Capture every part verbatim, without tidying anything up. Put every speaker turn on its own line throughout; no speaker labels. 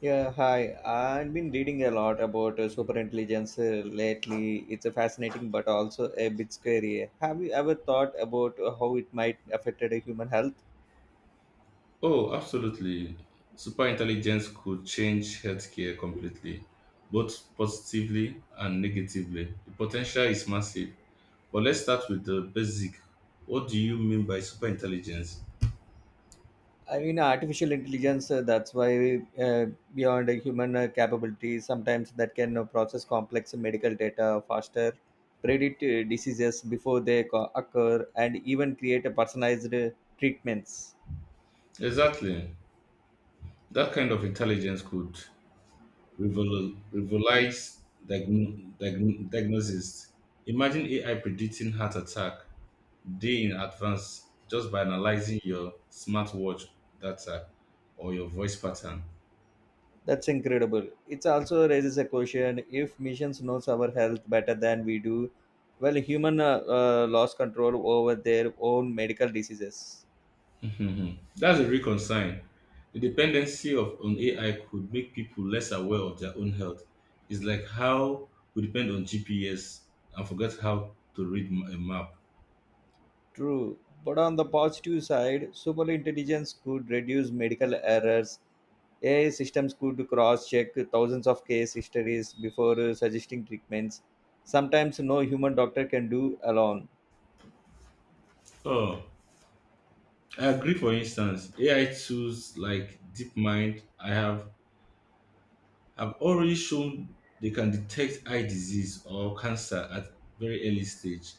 Yeah, hi. I've been reading a lot about uh, superintelligence uh, lately. It's a fascinating but also a bit scary. Have you ever thought about uh, how it might affect the human health?
Oh, absolutely. Superintelligence could change healthcare completely, both positively and negatively. The potential is massive. But let's start with the basic. What do you mean by superintelligence?
I mean, artificial intelligence, uh, that's why uh, beyond a human uh, capability, sometimes that can uh, process complex medical data faster, predict uh, diseases before they co- occur, and even create a personalized uh, treatments.
Exactly. That kind of intelligence could revol- revolutionize diagno- diagn- diagnosis. Imagine A I predicting heart attack day in advance just by analyzing your smartwatch data or your voice pattern.
That's incredible. It also raises a question if machines knows our health better than we do, well, human uh, uh, lost control over their own medical diseases.
Mhm. That's a real concern. The dependency of on A I could make people less aware of their own health. It's like how we depend on G P S and forget how to read m- a map.
True. But on the positive side, super intelligence could reduce medical errors. A I systems could cross-check thousands of case histories before uh, suggesting treatments. Sometimes no human doctor can do alone.
Oh, I agree. For instance, A I tools like DeepMind, I have have already shown they can detect eye disease or cancer at very early stage.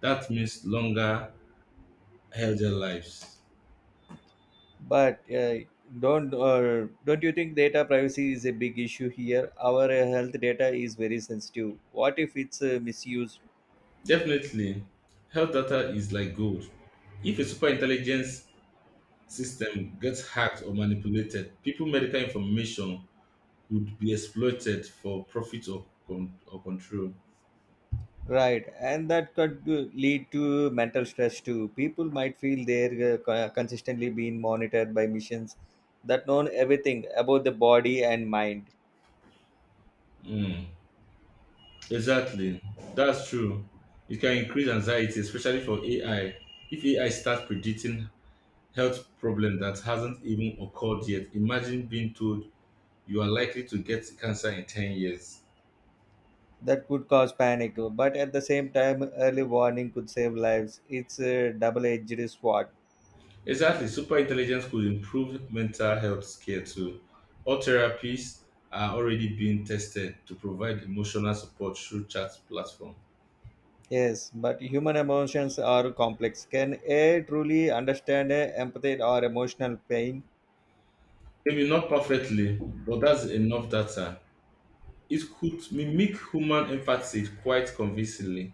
That means longer, healthier lives.
But uh, don't uh, don't you think data privacy is a big issue here? Our uh, health data is very sensitive. What if it's uh, misused?
Definitely, health data is like gold. If a super intelligence system gets hacked or manipulated, people medical information would be exploited for profit or, con- or control.
Right, and that could uh, lead to mental stress too. People might feel they're uh, co- consistently being monitored by missions that know everything about the body and mind.
Mm, exactly, that's true. It can increase anxiety, especially for A I. If A I starts predicting health problem that hasn't even occurred yet, imagine being told you are likely to get cancer in ten years.
That could cause panic, but at the same time, early warning could save lives. It's a double-edged sword.
Exactly. Super intelligence could improve mental health care too. All therapies are already being tested to provide emotional support through chat platform.
Yes, but human emotions are complex. Can A I truly understand uh, empathy or emotional pain?
Maybe not perfectly, but that's enough data. It could mimic human empathy quite convincingly.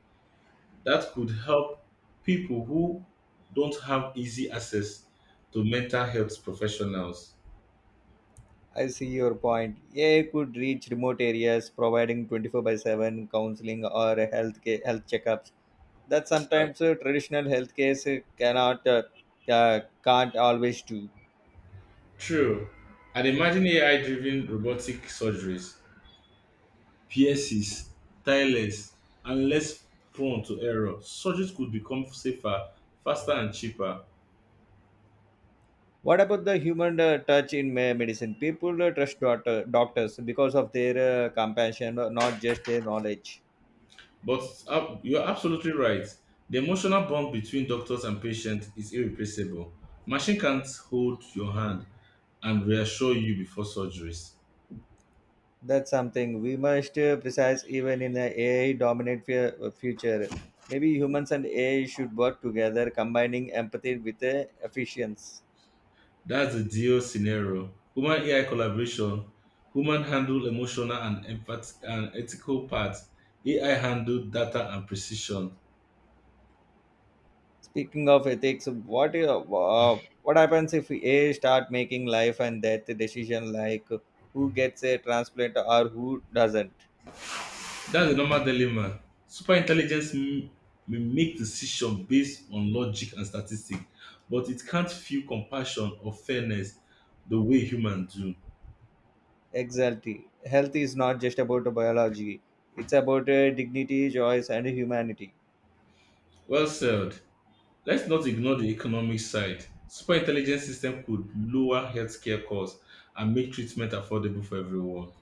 That could help people who don't have easy access to mental health professionals.
I see your point. A I could reach remote areas, providing twenty-four by seven counseling or health care, health checkups. That sometimes uh, traditional health cares uh, cannot uh, uh, can't always do.
True. And imagine A I driven robotic surgeries pierces, tireless, and less prone to error. Surgery could become safer, faster, and cheaper.
What about the human uh, touch in me- medicine? People uh, trust doctor, doctors because of their uh, compassion, uh, not just their knowledge.
But ab- you're absolutely right. The emotional bond between doctors and patients is irreplaceable. Machine can't hold your hand and reassure you before surgeries.
That's something we must uh, precise even in an A I dominant fu- future. Maybe humans and A I should work together, combining empathy with uh, efficiency.
That's the deal scenario. Human A I collaboration, human handle emotional and empath- and ethical part, A I handle data and precision.
Speaking of ethics, what uh, uh, what happens if A I start making life and death decision like who gets a transplant or who doesn't?
That's a normal dilemma. Superintelligence m- may make decisions based on logic and statistics, but it can't feel compassion or fairness the way humans do.
Exactly. Health is not just about biology; it's about uh, dignity, choice, and humanity.
Well said. Let's not ignore the economic side. Superintelligence system could lower healthcare costs and make treatment affordable for everyone.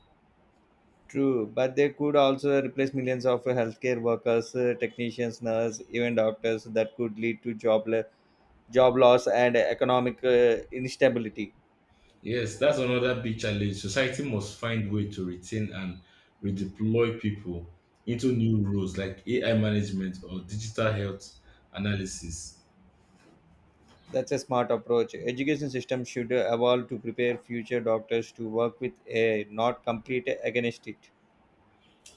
True, but they could also replace millions of healthcare workers, uh, technicians, nurses, even doctors. That could lead to job le- job loss and economic uh, instability.
Yes, that's another big challenge. Society must find way to retain and redeploy people into new roles like A I management or digital health analysis.
That's a smart approach. Education system should evolve to prepare future doctors to work with A I, not compete against it.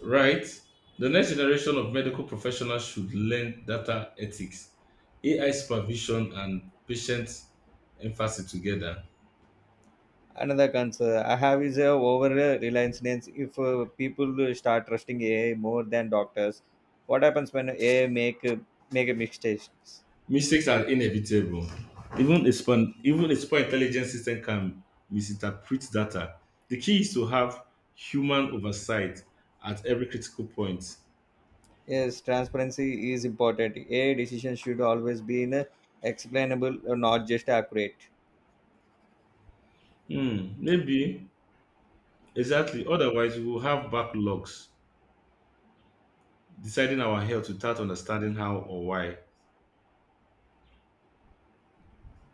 Right? The next generation of medical professionals should learn data ethics, A I supervision, and patient emphasis together.
Another concern I have is uh, over uh, reliance. If uh, people start trusting A I more than doctors, what happens when A I make make mistakes?
Mistakes are inevitable. Even a, span, even a super intelligent system can misinterpret data. The key is to have human oversight at every critical point.
Yes, transparency is important. A decision should always be in a explainable, uh, not just accurate.
Hmm, maybe, exactly. Otherwise, we will have backlogs deciding our health without understanding how or why.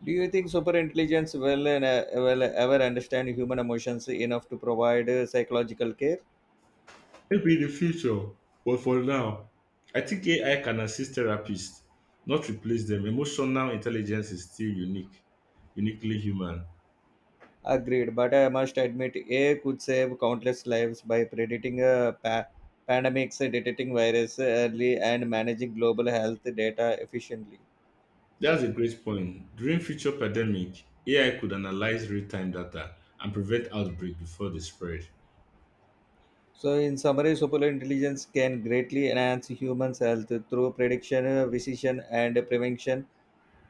Do you think super intelligence will, uh, will ever understand human emotions enough to provide uh, psychological care?
Maybe in the future, but for now, I think A I can assist therapists, not replace them. Emotional intelligence is still unique, uniquely human.
Agreed, but I must admit, A I could save countless lives by predicting uh, pa- pandemics, uh, detecting virus early, and managing global health data efficiently.
That's a great point. During future pandemic, A I could analyze real-time data and prevent outbreak before they spread.
So, in summary, super intelligence can greatly enhance human health through prediction, uh, precision, and prevention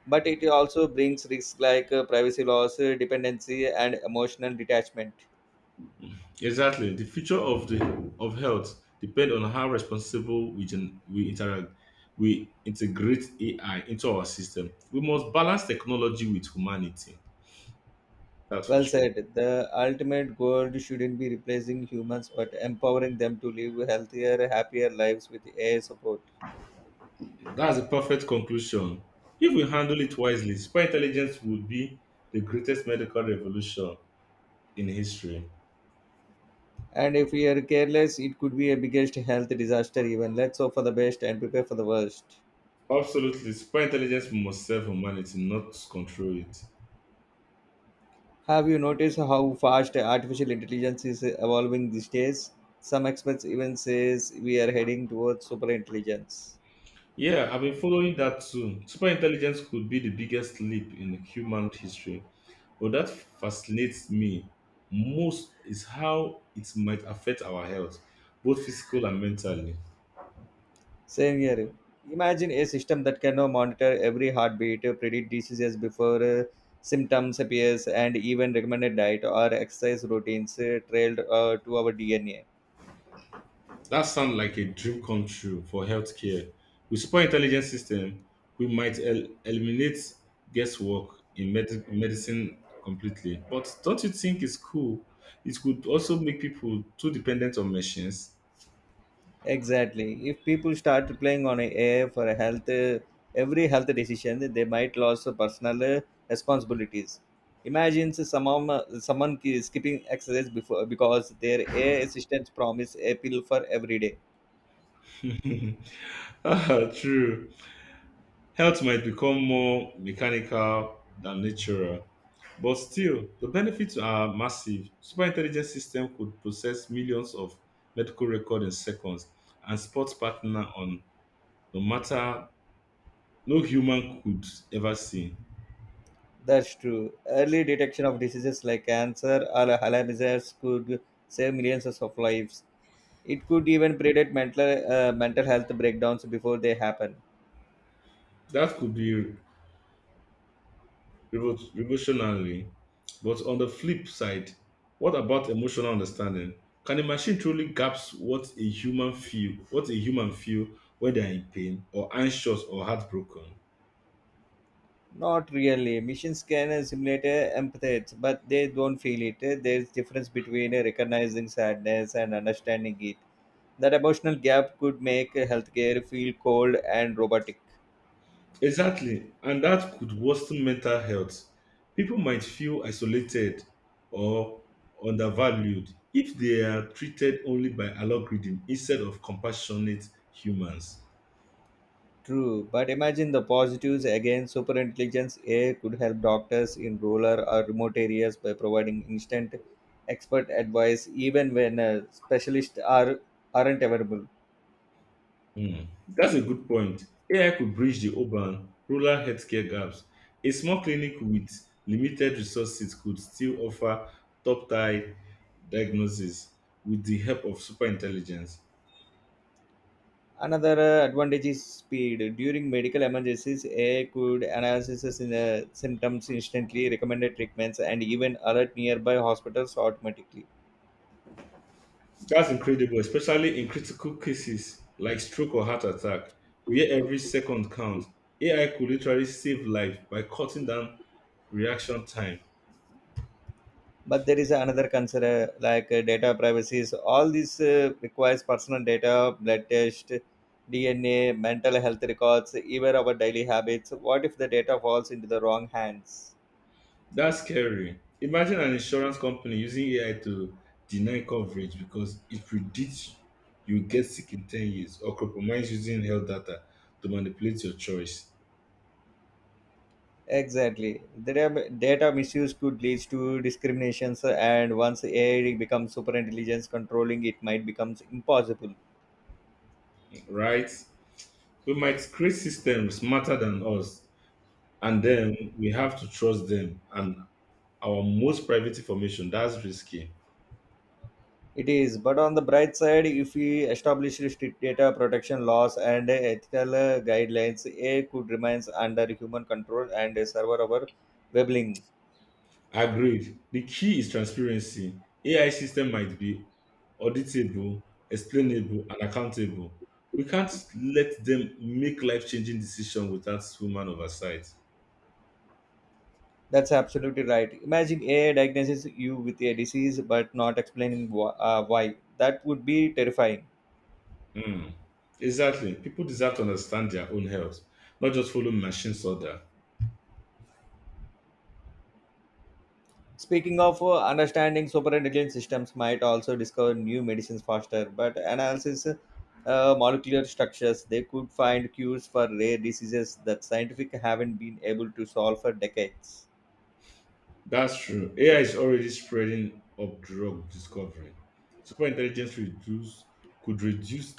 but it also brings risks like uh, privacy loss, uh, dependency, and emotional detachment.
Exactly. The future of the of health depend on how responsible we gen, we interact we integrate A I into our system. We must balance technology with humanity. That's for
Well
sure.
said. The ultimate goal shouldn't be replacing humans, but empowering them to live healthier, happier lives with A I support.
That's a perfect conclusion. If we handle it wisely, super intelligence would be the greatest medical revolution in history.
And if we are careless, it could be a biggest health disaster. Even let's hope for the best and prepare for the worst.
Absolutely, super intelligence must serve humanity, not control it.
Have you noticed how fast artificial intelligence is evolving these days? Some experts even says we are heading towards super intelligence.
Yeah, I've been following that too. Super intelligence could be the biggest leap in human history, but that fascinates me most is how it might affect our health, both physical and mentally.
Same here. Imagine a system that can now monitor every heartbeat, predict diseases before uh, symptoms appears, and even recommend a diet or exercise routines uh, trailed uh, to our D N A.
That sounds like a dream come true for healthcare. With super intelligent system, we might el- eliminate guesswork in med- medicine completely. But don't you think it's cool? It could also make people too dependent on machines.
Exactly. If people start playing on A I for a health, uh, every health decision, they might lose personal uh, responsibilities. Imagine someone, someone ki- skipping exercise before because their A I assistant promise a pill for every day.
Ah, true. Health might become more mechanical than natural. But still, the benefits are massive. Super intelligent system could process millions of medical records in seconds and spot partner on no matter no human could ever see.
That's true. Early detection of diseases like cancer or Alzheimer's could save millions of lives. It could even predict mental uh, mental health breakdowns before they happen.
That could be revo- revolutionary. But on the flip side, what about emotional understanding? Can a machine truly grasp what a human feel, what a human feel when they are in pain or anxious or heartbroken?
Not really. Machines can simulate uh, empathy, but they don't feel it. There's difference between uh, recognizing sadness and understanding it. That emotional gap could make healthcare feel cold and robotic.
Exactly, and that could worsen mental health. People might feel isolated or undervalued if they are treated only by algorithm instead of compassionate humans.
True, but imagine the positives again. Superintelligence A I could help doctors in rural or remote areas by providing instant expert advice even when uh, specialists are, aren't available.
Hmm, That's a good point. A I could bridge the urban rural healthcare gaps. A small clinic with limited resources could still offer top tier diagnosis with the help of super intelligence.
Another uh, advantage is speed. During medical emergencies, A I could analyze in, uh, symptoms instantly, recommended treatments, and even alert nearby hospitals automatically.
That's incredible, especially in critical cases like stroke or heart attack, where every second counts. A I could literally save life by cutting down reaction time.
But there is another concern uh, like uh, data privacy is all this uh, requires personal data, blood test, D N A, mental health records, even our daily habits. What if the data falls into the wrong hands?
That's scary. Imagine an insurance company using A I to deny coverage because it predicts you get sick in ten years or compromise using health data to manipulate your choice,
Exactly. Data, data misuse could lead to discriminations, and once A I becomes super intelligence, controlling it might becomes impossible.
right? We might create systems smarter than us, and then we have to trust them and our most private information. That's risky.
It is, but on the bright side, if we establish strict data protection laws and ethical uh, guidelines, A I could remain under human control and uh, serve our webling.
Agreed. The key is transparency. A I system might be auditable, explainable, and accountable. We can't let them make life-changing decisions without human oversight.
That's absolutely right. Imagine A I diagnoses you with a disease but not explaining wh- uh, why. That would be terrifying.
Mm. Exactly. People deserve to understand their own health, not just follow machines order.
Speaking of uh, understanding superintelligent systems might also discover new medicines faster, but analysis uh, molecular structures, they could find cures for rare diseases that scientific haven't been able to solve for decades.
That's true. A I is already spreading up drug discovery. Superintelligence reduce could reduce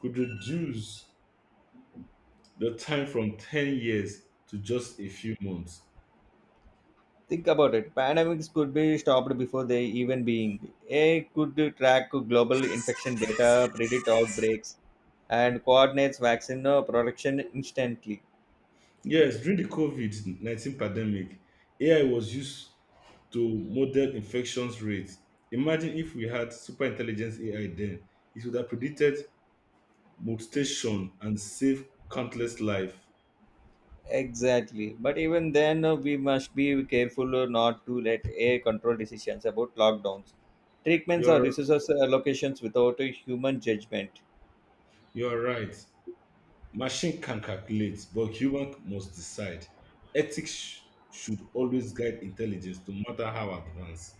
could reduce the time from ten years to just a few months.
Think about it. Pandemics could be stopped before they even being. A I could track global infection data, predict outbreaks, and coordinates vaccine uh, production instantly.
Yes, during the COVID nineteen pandemic, A I was used to model infections rates. Imagine if we had super intelligence A I then, it would have predicted mutation and saved countless lives.
Exactly. But even then, uh, we must be careful uh, not to let air control decisions about lockdowns, treatments, or
You're
resources allocations without a human judgment.
you're right. Machine can calculate, but human must decide. Ethics sh- should always guide intelligence, no matter how advanced.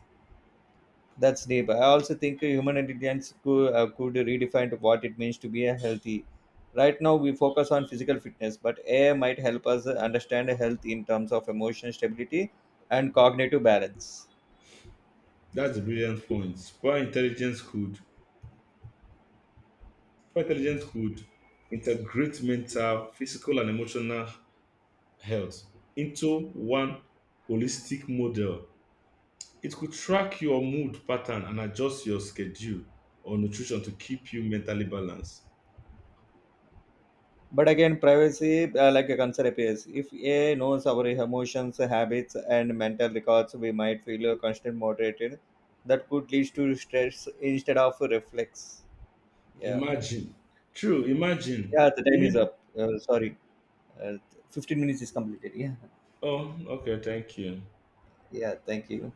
That's deep. I also think human intelligence could, uh, could redefine what it means to be a healthy. Right now, we focus on physical fitness, but A I might help us understand health in terms of emotional stability and cognitive balance.
That's a brilliant point. Super intelligence could super intelligence could integrate mental, physical, and emotional health into one holistic model. It could track your mood pattern and adjust your schedule or nutrition to keep you mentally balanced.
But again, privacy, uh, like a concern appears. If A I knows our emotions, habits, and mental records, we might feel a constant moderated. That could lead to stress instead of reflex. Yeah.
Imagine, true, imagine
Yeah, the time is
living.
up. Uh, sorry. Uh, fifteen minutes is completed. Yeah.
Oh, okay, thank you.
Yeah, thank you.